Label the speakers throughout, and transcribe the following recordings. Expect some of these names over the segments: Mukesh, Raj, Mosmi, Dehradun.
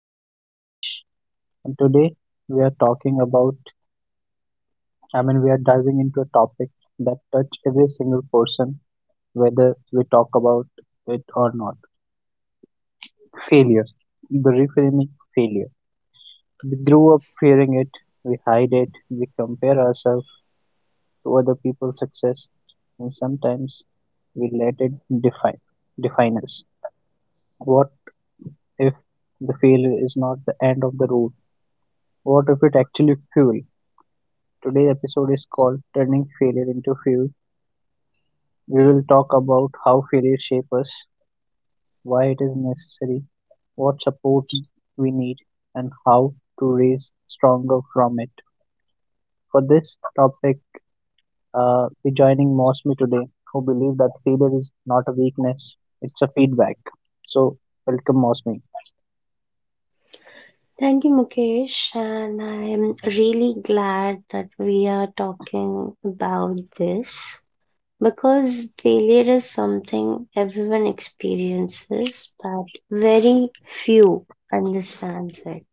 Speaker 1: name is Mukesh, and today we are talking about, I mean, we are diving into a topic that touch every single person, whether we talk about it or not. Failure, the reframing failure. We grew up fearing it, we hide it, we compare ourselves to other people's success, and sometimes we let it define define us. What if the failure is not the end of the road? What if it actually fuel? Today's episode is called Turning Failure into Fuel. We will talk about how failure shapes us, why it is necessary, what support we need, and how to raise stronger from it. For this topic, we're joining Mosmi today, who believe that failure is not a weakness, it's a feedback. So, welcome Mosmi.
Speaker 2: Thank you, Mukesh, and I am really glad that we are talking about this because failure is something everyone experiences, but very few understands it.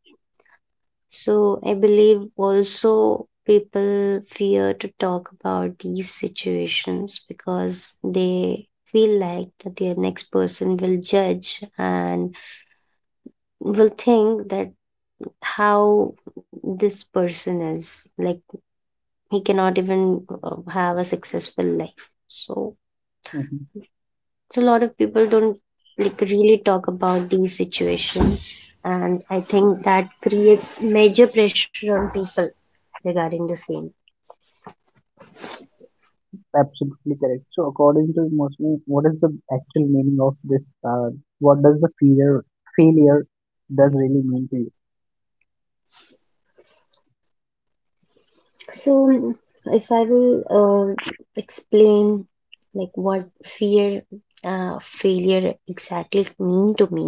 Speaker 2: So I believe also people fear to talk about these situations because they feel like that the next person will judge and will think that how this person is like he cannot even have a successful life, so it's a lot of people don't like really talk about these situations, and I think that creates major pressure on people regarding the same.
Speaker 1: Absolutely correct. So, according to Mosmi, what is the actual meaning of this? What does the failure does really mean to you?
Speaker 2: So if I will uh, explain like what fear failure exactly mean to me.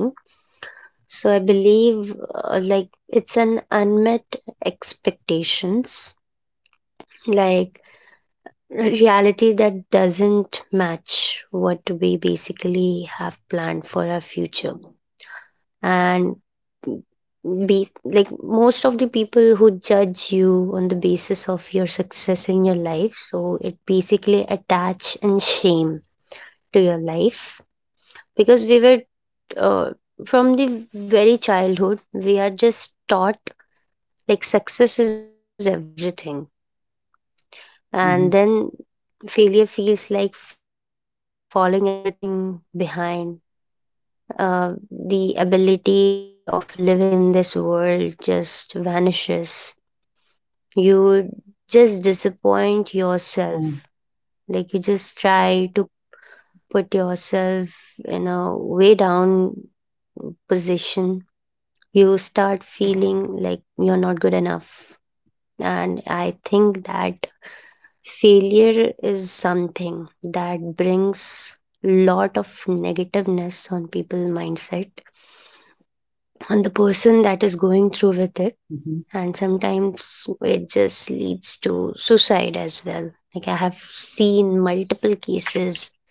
Speaker 2: So I believe like it's an unmet expectations, like reality that doesn't match what we basically have planned for our future. And be like most of the people who judge you on the basis of your success in your life, so it basically attach and shame to your life because we were uh, from the very childhood we are just taught like success is everything,
Speaker 1: Hmm.
Speaker 2: and then failure feels like falling everything behind. Uh, the ability of living in this world just vanishes. You just disappoint
Speaker 1: Hmm.
Speaker 2: yourself, like you just try to put yourself in a way down position. You start feeling like you're not good enough. And I think that failure is something that brings lot of negativeness on people mindset, on the person that is going through with it.
Speaker 1: Hmm.
Speaker 2: And sometimes it just leads to suicide as well. Like I have seen multiple cases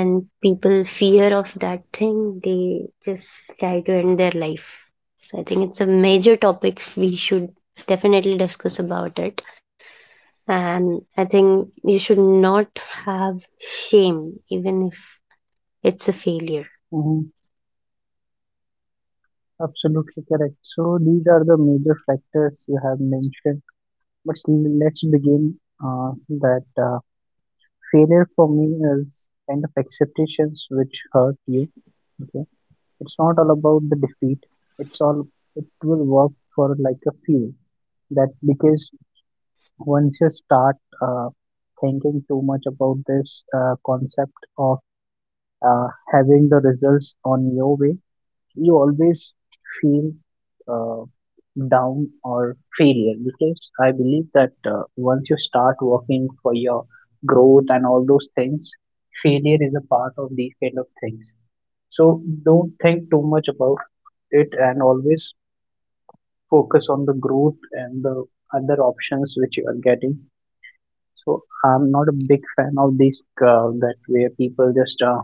Speaker 2: when people fear of that thing, they just try to end their life. So I think it's a major topic, we should definitely discuss about it. And I think you should not have shame, even if it's a failure.
Speaker 1: Hmm. Absolutely correct. So, these are the major factors you have mentioned. But let's begin uh, that failure for me is kind of acceptations which hurt you. Okay, it's not all about the defeat. It's all it will work for like a few. That because once you start uh, thinking too much about this concept of having the results on your way, you always feel uh, down or failure because I believe that once you start working for your growth and all those things, failure is a part of these kind of things. So don't think too much about it and always focus on the growth and the other options which you are getting, so I'm not a big fan of this that where people just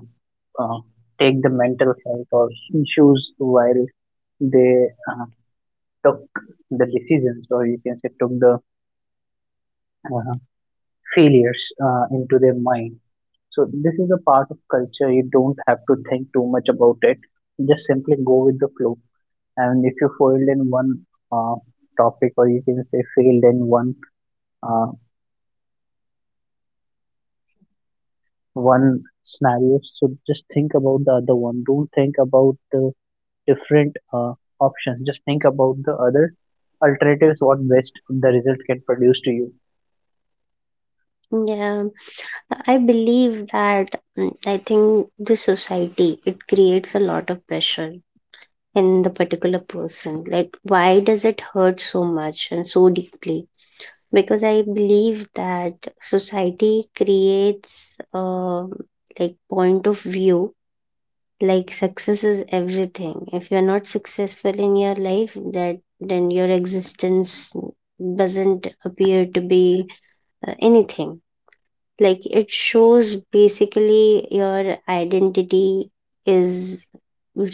Speaker 1: uh, take the mental health or issues while they uh, took the decisions or you can say took the uh, failures into their mind. So this is a part of culture. You don't have to think too much about it. Just simply go with the flow. And if you failed in one uh, topic or you can say failed in uh, one scenario, so just think about the other one, don't think about the different options, just think about the other alternatives what best the result can produce to you.
Speaker 2: Yeah, I believe that I think the society it creates a lot of pressure in the particular person. Like, why does it hurt so much and so deeply? Because I believe that society creates like point of view, like success is everything. If you're not successful in your life, that then your existence doesn't appear to be anything, like it shows basically your identity is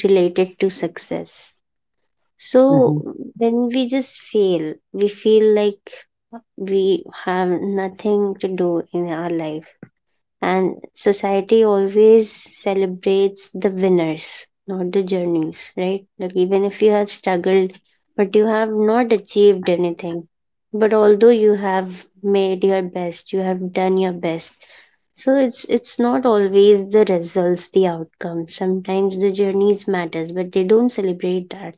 Speaker 2: related to success. So
Speaker 1: Mm-hmm.
Speaker 2: when we just fail, we feel like we have nothing to do in our life. And society always celebrates the winners, not the journeys, right? Like even if you have struggled but you have not achieved anything, but although you have made your best, you have done your best. So it's not always the results, the outcome, sometimes the journeys matters, but they don't celebrate that.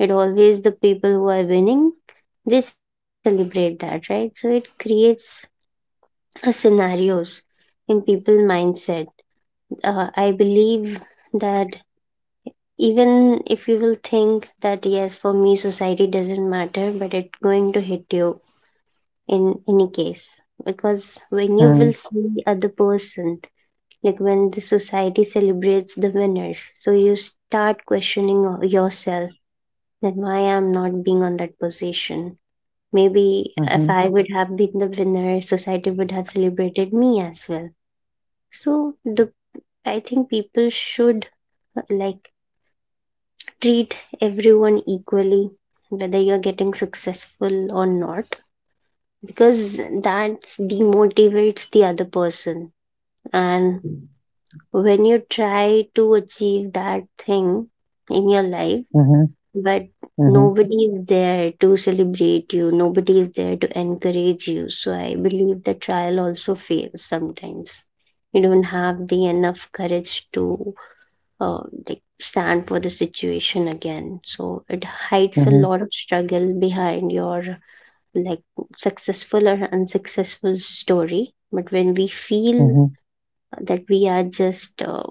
Speaker 2: It always the people who are winning, they celebrate that, right? So it creates a scenarios in people mindset. I believe that even if you will think that yes, for me society doesn't matter, but it's going to hit you in any case, because when you will see other person, like when the society celebrates the winners, so you start questioning yourself that why I'm not being on that position. Maybe
Speaker 1: Mm-hmm.
Speaker 2: if I would have been the winner, society would have celebrated me as well. So the I think people should like treat everyone equally, whether you're getting successful or not, because that demotivates the other person. And when you try to achieve that thing in your life,
Speaker 1: Mm-hmm.
Speaker 2: but
Speaker 1: Mm-hmm.
Speaker 2: nobody is there to celebrate you, nobody is there to encourage you. So I believe the trial also fails sometimes. You don't have the enough courage to uh, like stand for the situation again. So it hides a
Speaker 1: Mm-hmm.
Speaker 2: lot of struggle behind your like successful or unsuccessful story. But when we feel
Speaker 1: Mm-hmm.
Speaker 2: that we are just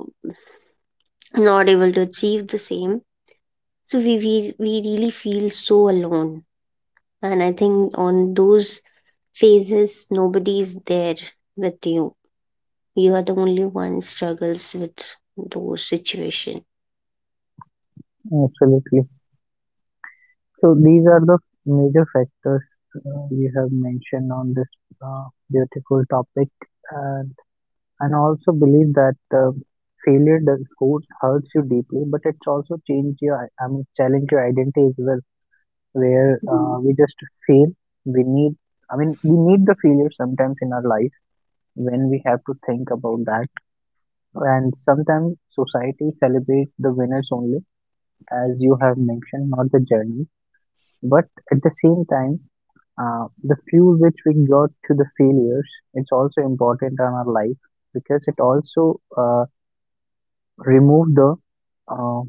Speaker 2: not able to achieve the same, so we really feel so alone. And I think on those phases, nobody is there with you. You are the only one struggles with those situation.
Speaker 1: Absolutely. So these are the major factors you have mentioned on this beautiful topic. And And I also believe that failure does hurt, hurts you deeply, but it's also changed your, I mean, challenge your identity as well, where we just fail. We need, I mean, we need the failure sometimes in our life when we have to think about that. And sometimes society celebrates the winners only, as you have mentioned, not the journey. But at the same time, the fuel which we got to the failures, it's also important in our life because it also remove the uh,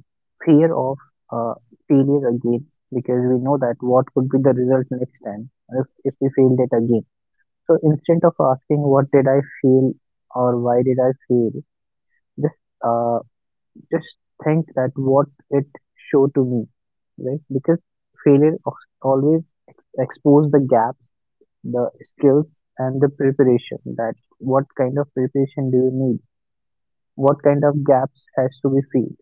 Speaker 1: fear of uh, failure again, because we know that what could be the result next time if we failed it again. So instead of asking what did I fail or why did I fail, just uh, just think that what it showed to me, right? Because failure always expose the gaps, the skills and the preparation. That what kind of preparation do you need? What kind of gaps has to be filled?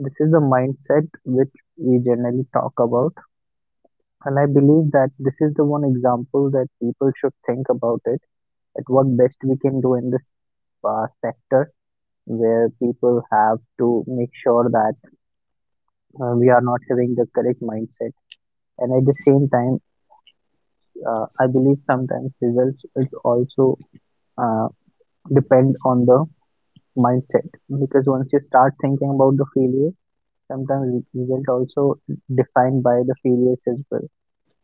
Speaker 1: This is the mindset which we generally talk about, and I believe that this is the one example that people should think about it, at what best we can do in this sector, where people have to make sure that we are not having the correct mindset. And at the same time, I believe sometimes results is also uh, depend on the mindset, because once you start thinking about the failure, sometimes result also defined by the failures as well.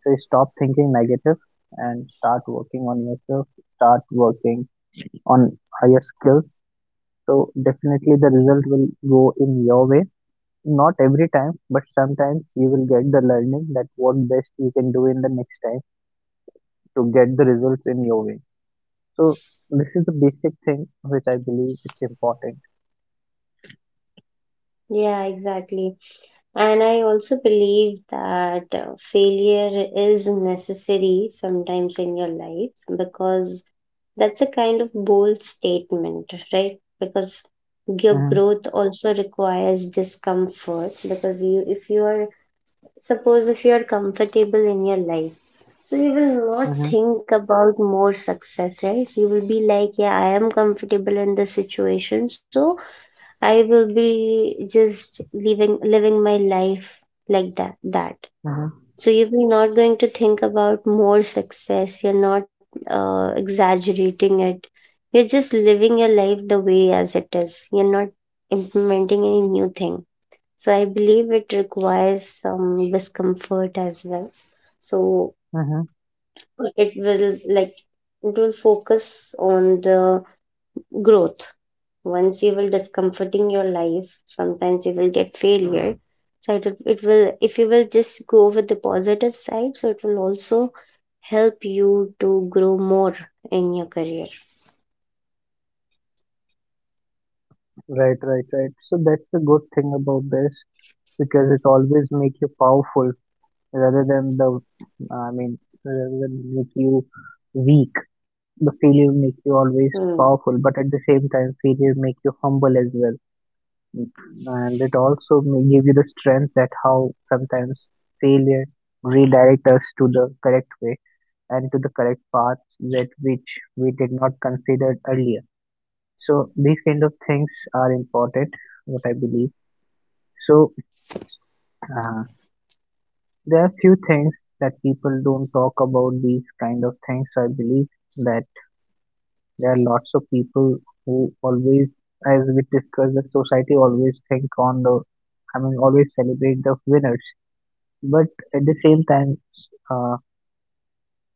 Speaker 1: So stop thinking negative and start working on yourself, start working on higher skills. So definitely the result will go in your way. Not every time, but sometimes you will get the learning that what best you can do in the next time to get the results in your way. So this is the basic thing which I believe it's important.
Speaker 2: Yeah, exactly. And I also believe that failure is necessary sometimes in your life because that's a kind of bold statement, right? Because your
Speaker 1: Hmm.
Speaker 2: growth also requires discomfort, because you if you are suppose if you are comfortable in your life, so you will not
Speaker 1: Hmm.
Speaker 2: think about more success, right? You will be like, yeah, I am comfortable in this situation, so I will be just living my life like that.
Speaker 1: Hmm.
Speaker 2: So you're not going to think about more success. You're not exaggerating it. You're just living your life the way as it is. You're not implementing any new thing. So I believe it requires some discomfort as well. So
Speaker 1: Hmm.
Speaker 2: it will like it will focus on the growth. Once you will discomforting your life, sometimes you will get failure. So it will, if you will just go with the positive side, so it will also help you to grow more in your career.
Speaker 1: Right, right, right. So that's the good thing about this, because it always make you powerful rather than the I mean, rather than make you weak. The failure make you always
Speaker 2: Hmm.
Speaker 1: powerful, but at the same time, failure make you humble as well, and it also may give you the strength that how sometimes failure redirect us to the correct way and to the correct path that which we did not consider earlier. So these kind of things are important, what I believe. So uh, there are few things that people don't talk about, these kind of things. So I believe that there are lots of people who always, as we discuss, the society always think on I mean, always celebrate the winners. But at the same time, uh,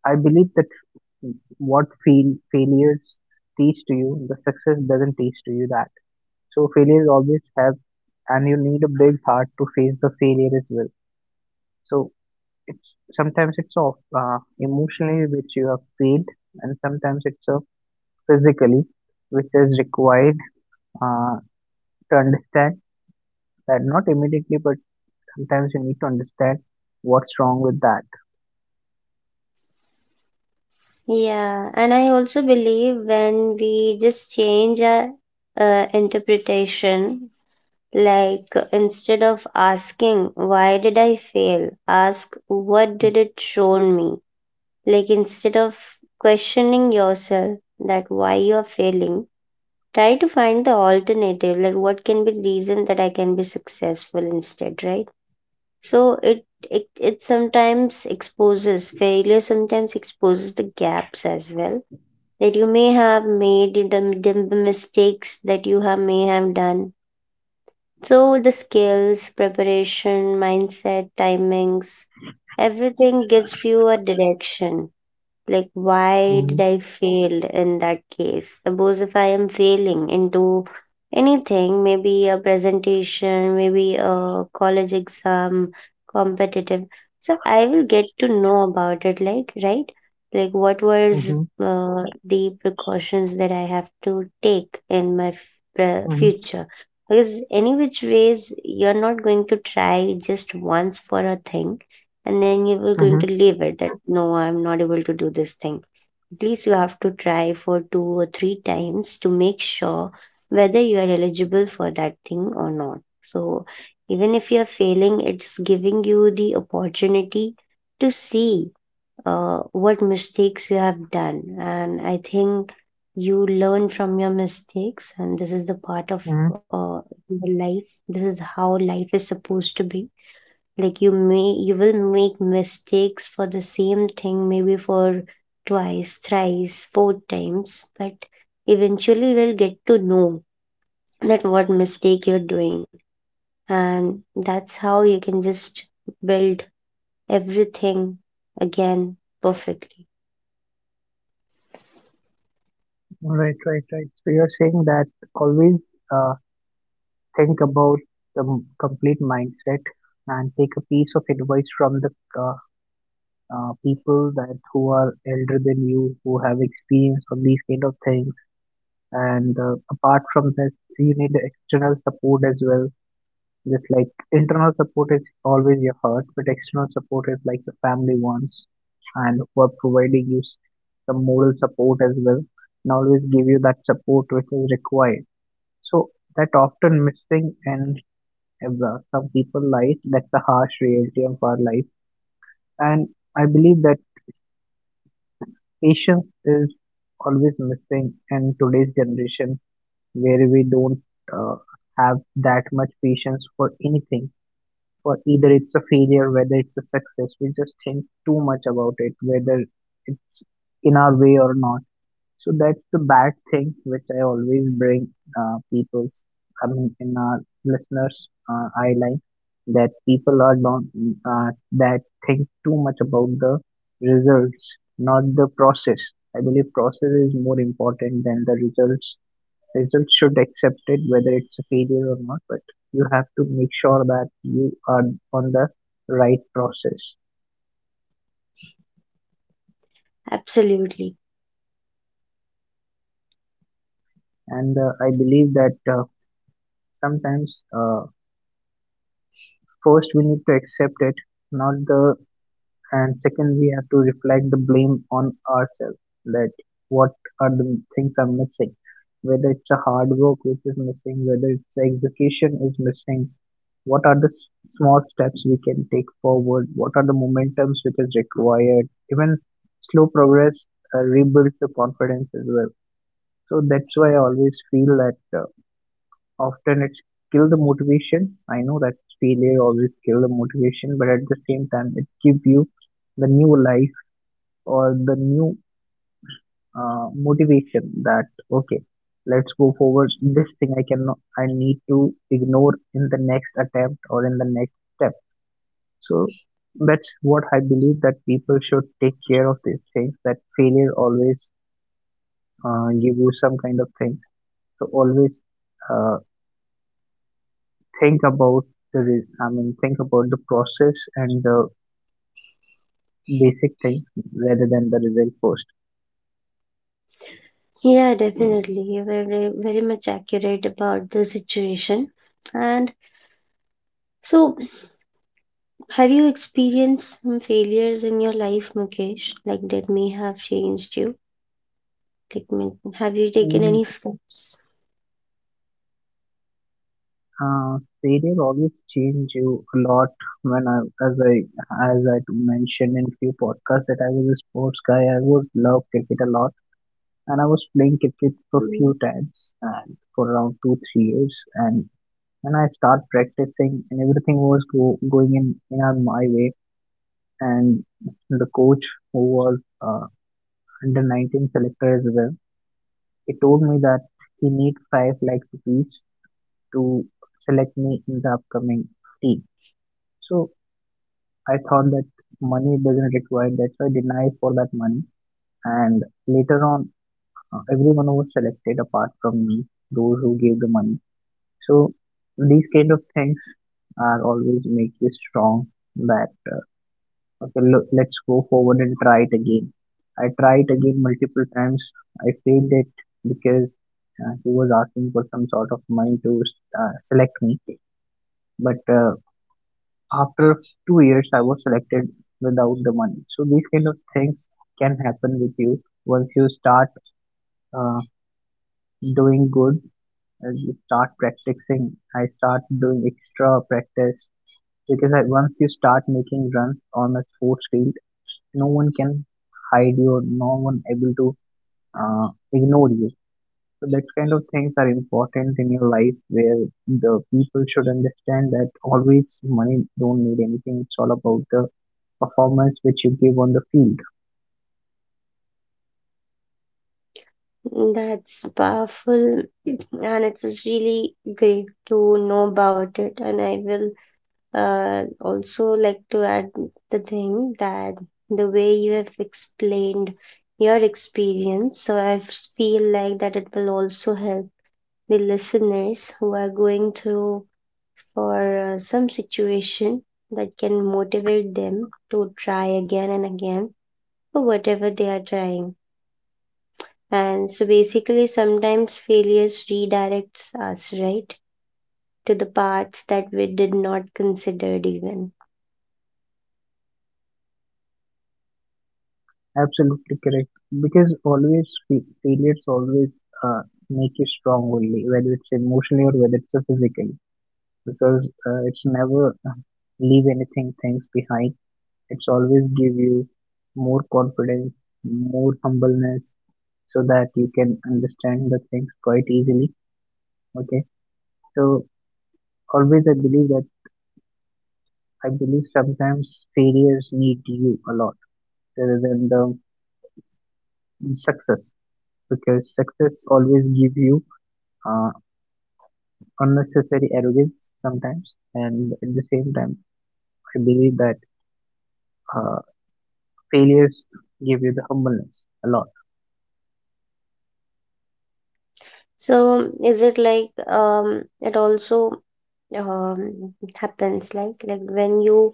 Speaker 1: I believe that what failures teach to you, the success doesn't teach to you that. So failures always have, and you need a big heart to face the failure as well. So it's sometimes it's of emotionally which you have paid, and sometimes it's of physically which is required uh, to understand that, not immediately but sometimes you need to understand what's wrong with that.
Speaker 2: Yeah, and I also believe when we just change our interpretation, like instead of asking why did I fail, ask what did it show me. Like instead of questioning yourself that why you're failing, try to find the alternative. Like what can be the reason that I can be successful instead, right? So it sometimes exposes, failure sometimes exposes the gaps as well, that you may have made the mistakes that you have may have done. So the skills, preparation, mindset, timings, everything gives you a direction. Like, why did
Speaker 1: Mm-hmm.
Speaker 2: I fail in that case? Suppose if I am failing into anything, maybe a presentation, maybe a college exam, competitive. So I will get to know about it, like, right? Like, what was
Speaker 1: Mm-hmm.
Speaker 2: the precautions that I have to take in my
Speaker 1: Mm-hmm.
Speaker 2: future? Because any which ways, you're not going to try just once for a thing, and then you were going to
Speaker 1: Mm-hmm.
Speaker 2: leave it that no, I'm not able to do this thing. At least you have to try for two or three times to make sure whether you are eligible for that thing or not. So even if you're failing, it's giving you the opportunity to see what mistakes you have done. And I think you learn from your mistakes, and this is the part of
Speaker 1: Mm-hmm.
Speaker 2: uh, your life. This is how life is supposed to be. Like you will make mistakes for the same thing, maybe for twice, thrice, four times, but eventually you will get to know that what mistake you're doing, and that's how you can just build everything again perfectly.
Speaker 1: Right, right, right. So you're saying that always uh, think about the complete mindset and take a piece of advice from the uh, people that who are elder than you, who have experience on these kind of things. And apart from this, you need external support as well. Just like internal support is always your heart, but external support is like the family ones and who are providing you some moral support as well, and always give you that support which is required. So that often missing in some people life. That's the harsh reality of our life. And I believe that patience is always missing in today's generation, where we don't uh, have that much patience for anything. For either it's a failure, whether it's a success, we just think too much about it, whether it's in our way or not. So that's the bad thing which I always bring people's I mean in our listeners' eye line, that people are don't that think too much about the results, not the process. I believe process is more important than the results. Results should accept it whether it's a failure or not, but you have to make sure that you are on the right process.
Speaker 2: Absolutely.
Speaker 1: And I believe that sometimes first, we need to accept it, not the, and second, we have to reflect the blame on ourselves that what are the things are missing, whether it's a hard work which is missing, whether it's the execution is missing, what are the small steps we can take forward, what are the momentums which is required, even slow progress rebuilds the confidence as well. So that's why I always feel that often it's kill the motivation. I know that failure always kill the motivation, but at the same time, it gives you the new life or the new motivation that okay, let's go forward. This thing I cannot, I need to ignore in the next attempt or in the next step. So that's what I believe that people should take care of these things. That failure always give you some kind of thing. So always. Uh, think about the I mean think about the process and the basic things rather than the result first.
Speaker 2: Yeah, definitely, you were very much accurate about the situation. And so, have you experienced some failures in your life, Mukesh? Like that may have changed you. Like, have you taken
Speaker 1: And
Speaker 2: any steps?
Speaker 1: failure always change you a lot. When I as I as I mentioned in few podcasts that I was a sports guy, I would love cricket a lot, and I was playing cricket for few
Speaker 2: Mm.
Speaker 1: times and for around 2-3 years, and I start practicing, and everything was going in my way, and the coach who was under 19 selector as well. He told me that he need five likes each to select me in the upcoming team. So I thought that money doesn't require, that's why I denied for that money. And later on, everyone was selected apart from me, those who gave the money. So these kind of things are always make you strong, that okay look, let's go forward and try it again. I tried again multiple times. I failed it, because he was asking for some sort of money to select me, but after 2 years, I was selected without the money. So these kind of things can happen with you once you start uh, doing good. You start practicing. I start doing extra practice because once you start making runs on a sports field, no one can hide you. No one able to ignore you. So that kind of things are important in your life where the people should understand that always money don't need anything. It's all about the performance which you give on the field.
Speaker 2: That's powerful, and it was really great to know about it. And I will also like to add the thing that the way you have explained your experience, so I feel like that it will also help the listeners who are going through for some situation, that can motivate them to try again and again for whatever they are trying. And so basically, sometimes failures redirects us, right, to the parts that we did not considered even.
Speaker 1: Absolutely correct. Because failures always uh, make you strong only, whether it's emotionally or whether it's a physically. Because it's never leave anything things behind. It's always give you more confidence, more humbleness, so that you can understand the things quite easily. Okay. So always I believe that I believe sometimes failures need you a lot rather than the success, because success always give you uh, unnecessary arrogance sometimes, and at the same time I believe that uh, failures give you the humbleness a lot.
Speaker 2: So is it like it also happens like when you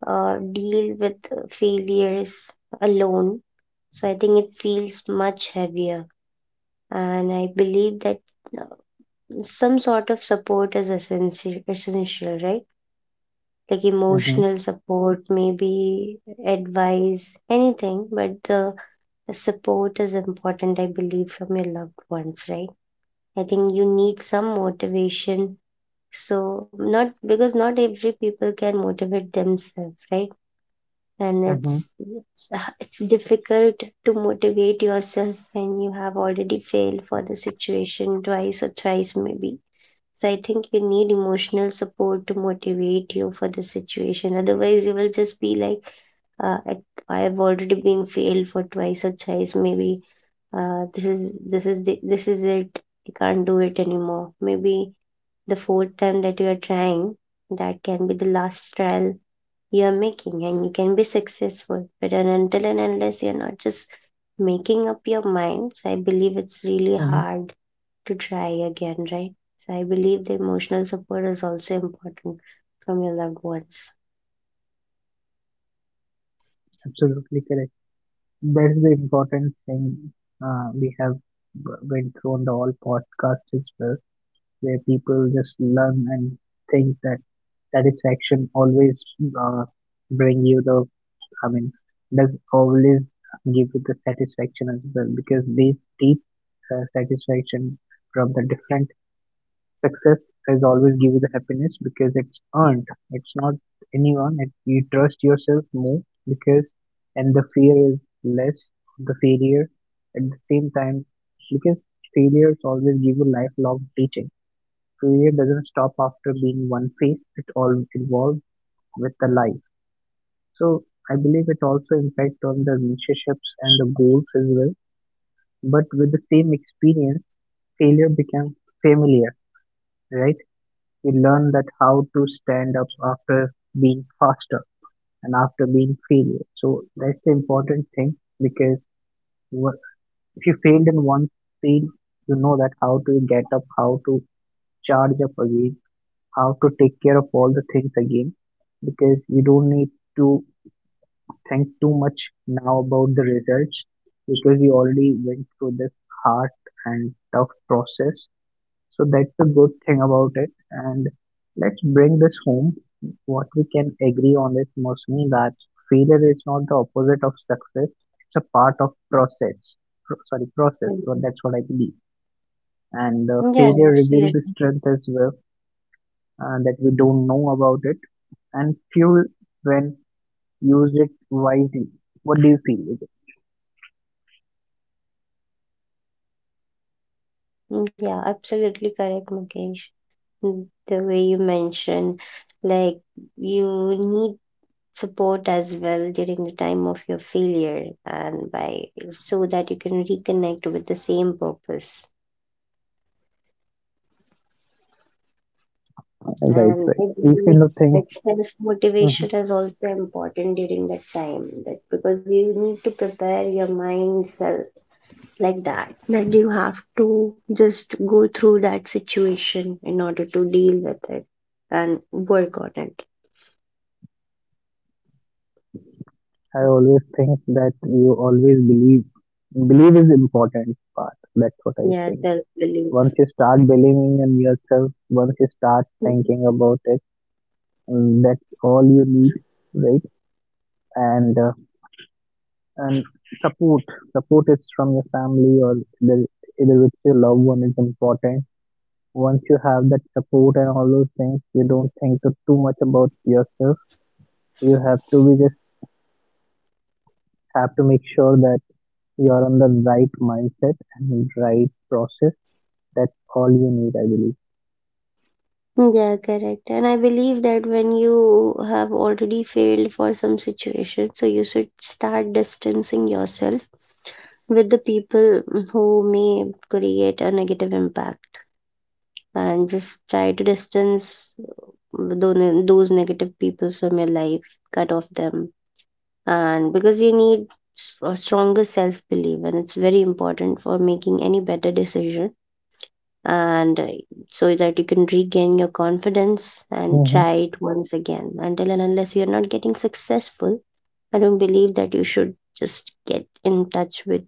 Speaker 2: deal with failures alone? So I think it feels much heavier, and I believe that uh, some sort of support is essential, right? Like
Speaker 1: Mm-hmm,
Speaker 2: emotional support, maybe advice, anything, but the support is important, I believe, from your loved ones, right? I think you need some motivation. So, not because not every people can motivate themselves, right? And
Speaker 1: mm-hmm,
Speaker 2: it's difficult to motivate yourself when you have already failed for the situation twice or thrice, maybe. So I think you need emotional support to motivate you for the situation. Otherwise, you will just be like, uh, I, I have already been failed for twice or thrice. Maybe this is this is it. I can't do it anymore. Maybe the fourth time that you are trying, that can be the last trial you are making, and you can be successful. But until and unless you are not just making up your minds, I believe it's really
Speaker 1: mm-hmm.
Speaker 2: hard to try again, right? So I believe the emotional support is also important from your loved ones.
Speaker 1: Absolutely correct. That's the important thing we have went through on the all podcast as well, where people just learn and think that satisfaction always uh, bring you the, I mean, does always give you the satisfaction as well, because they deep satisfaction from the different success is always give you the happiness because it's earned, it's not anyone it, you trust yourself more because, and the fear is less of the failure at the same time, because failures always give you lifelong teaching. Failure doesn't stop after being one phase. It all evolves with the life. So I believe it also impacts on the relationships and the goals as well. But with the same experience, failure becomes familiar, right? You learn that how to stand up after being faster and after being failure. So that's the important thing because, wha- if you failed in one field, you know that how to get up, how to charge up again, how to take care of all the things again, because you don't need to think too much now about the results, because you already went through this hard and tough process. So that's the good thing about it. And let's bring this home. What we can agree on is mostly that failure is not the opposite of success. It's a part of process. Sorry, process. Well,
Speaker 2: Mhm.
Speaker 1: that's what I believe. And
Speaker 2: Yeah,
Speaker 1: failure reveals the
Speaker 2: absolutely.
Speaker 1: strength as well, and that we don't know about it and fuel when used it wisely. What do you feel?
Speaker 2: Yeah, absolutely correct, Mukesh. Mm, the way you mentioned, like you need support as well during the time of your failure, and by so that you can reconnect with the same purpose.
Speaker 1: Right,
Speaker 2: And I
Speaker 1: right. These
Speaker 2: believe
Speaker 1: kind of things.
Speaker 2: that self
Speaker 1: Mhm.
Speaker 2: motivation is also important during that time, that because you need to prepare your mind self like that you have to just go through that situation in order to deal with it and work on it.
Speaker 1: I always think that you always believe. Believe is important part. That's what I
Speaker 2: Yeah,
Speaker 1: think.
Speaker 2: self belief.
Speaker 1: Once you start believing in yourself, once you start thinking about it, mm, that's all you need, right? And and support, support is from your family or either, either with your loved one is important. Once you have that support and all those things, you don't think too much about yourself. You have to be just have to make sure that you're on the right mindset and right process. That's all you need, I believe.
Speaker 2: Yeah, correct. And I believe that when you have already failed for some situation, so you should start distancing yourself with the people who may create a negative impact, and just try to distance those negative people from your life, cut off them. And because you need a stronger self belief, and it's very important for making any better decision, and so that you can regain your confidence and
Speaker 1: Mm-hmm,
Speaker 2: try it once again until and unless you're not getting successful. I don't believe that you should just get in touch with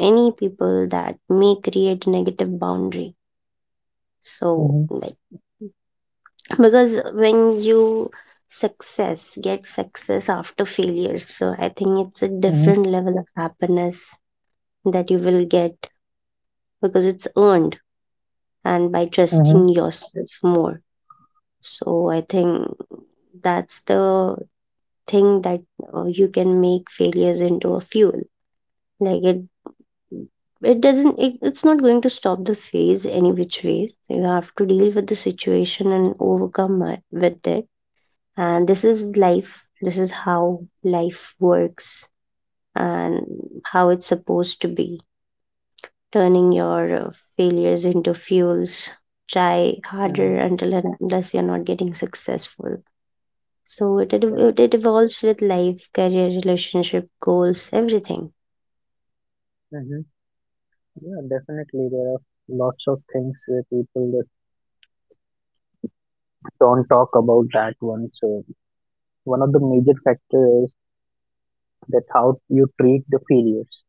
Speaker 2: any people that may create negative boundary. So
Speaker 1: mm-hmm,
Speaker 2: like because when you success get success after failure, so I think it's a
Speaker 1: mm-hmm,
Speaker 2: different level of happiness that you will get, because it's earned and by
Speaker 1: mm-hmm,
Speaker 2: trusting yourself more. So I think that's the thing that you can make failures into a fuel. Like it doesn't. It's not going to stop the phase any which ways. You have to deal with the situation and overcome with it. And this is life. This is how life works and how it's supposed to be. Turning your failures into fuels. Try harder
Speaker 1: mm-hmm.
Speaker 2: until and unless you're not getting successful. So it ed- it
Speaker 1: Correct.
Speaker 2: ev- it evolves with life, career, relationship, goals, everything.
Speaker 1: Mm-hmm. Yeah, definitely. There are lots of things where people that don't talk about that one. So one of the major factors is that how you treat the failures.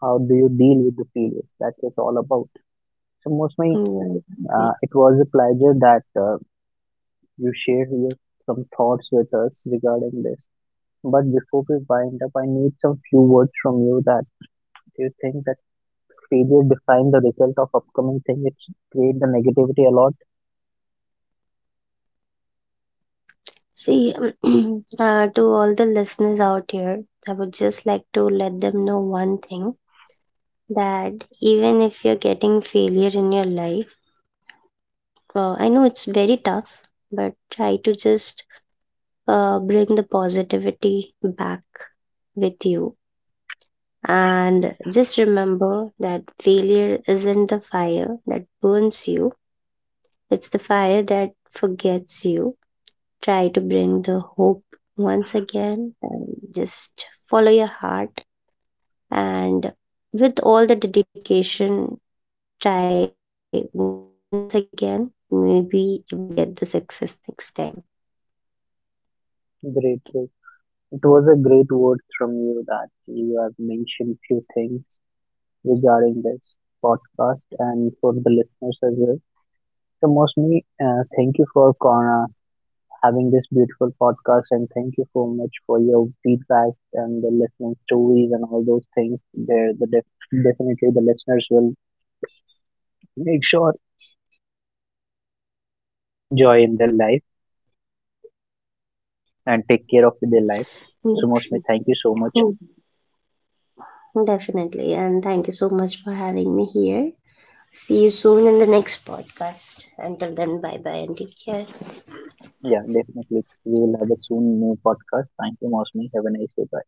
Speaker 1: How do you deal with the failures? That's what it's all about. So most my.
Speaker 2: Yeah, exactly.
Speaker 1: It was a pleasure that you shared your some thoughts with us regarding this. But before we wind up, I need some few words from you that do you think that failure define the result of upcoming thing? It create the negativity a lot.
Speaker 2: See, to all the listeners out here, I would just like to let them know one thing, that even if you're getting failure in your life, I know it's very tough, but try to just bring the positivity back with you. And just remember that failure isn't the fire that burns you, it's the fire that forgets you. Try to bring the hope once again, and just follow your heart. And with all the dedication, try once again. Maybe you will get the success next time.
Speaker 1: Great, great. It was a great word from you that you have mentioned few things regarding this podcast and for the listeners as well. So mostly, thank you for Kona having this beautiful podcast. And thank you so much for your feedback and the listening stories and all those things. There, the definitely the listeners will make sure enjoy in their life and take care of their life.
Speaker 2: Mm.
Speaker 1: So, Mosme, thank you so much.
Speaker 2: Mm. Definitely. And thank you so much for having me here. See you soon in the next podcast. Until then, bye bye and take care.
Speaker 1: Yeah, definitely. We will have a soon new podcast. Thank you, Mosme. Have a nice day. Bye.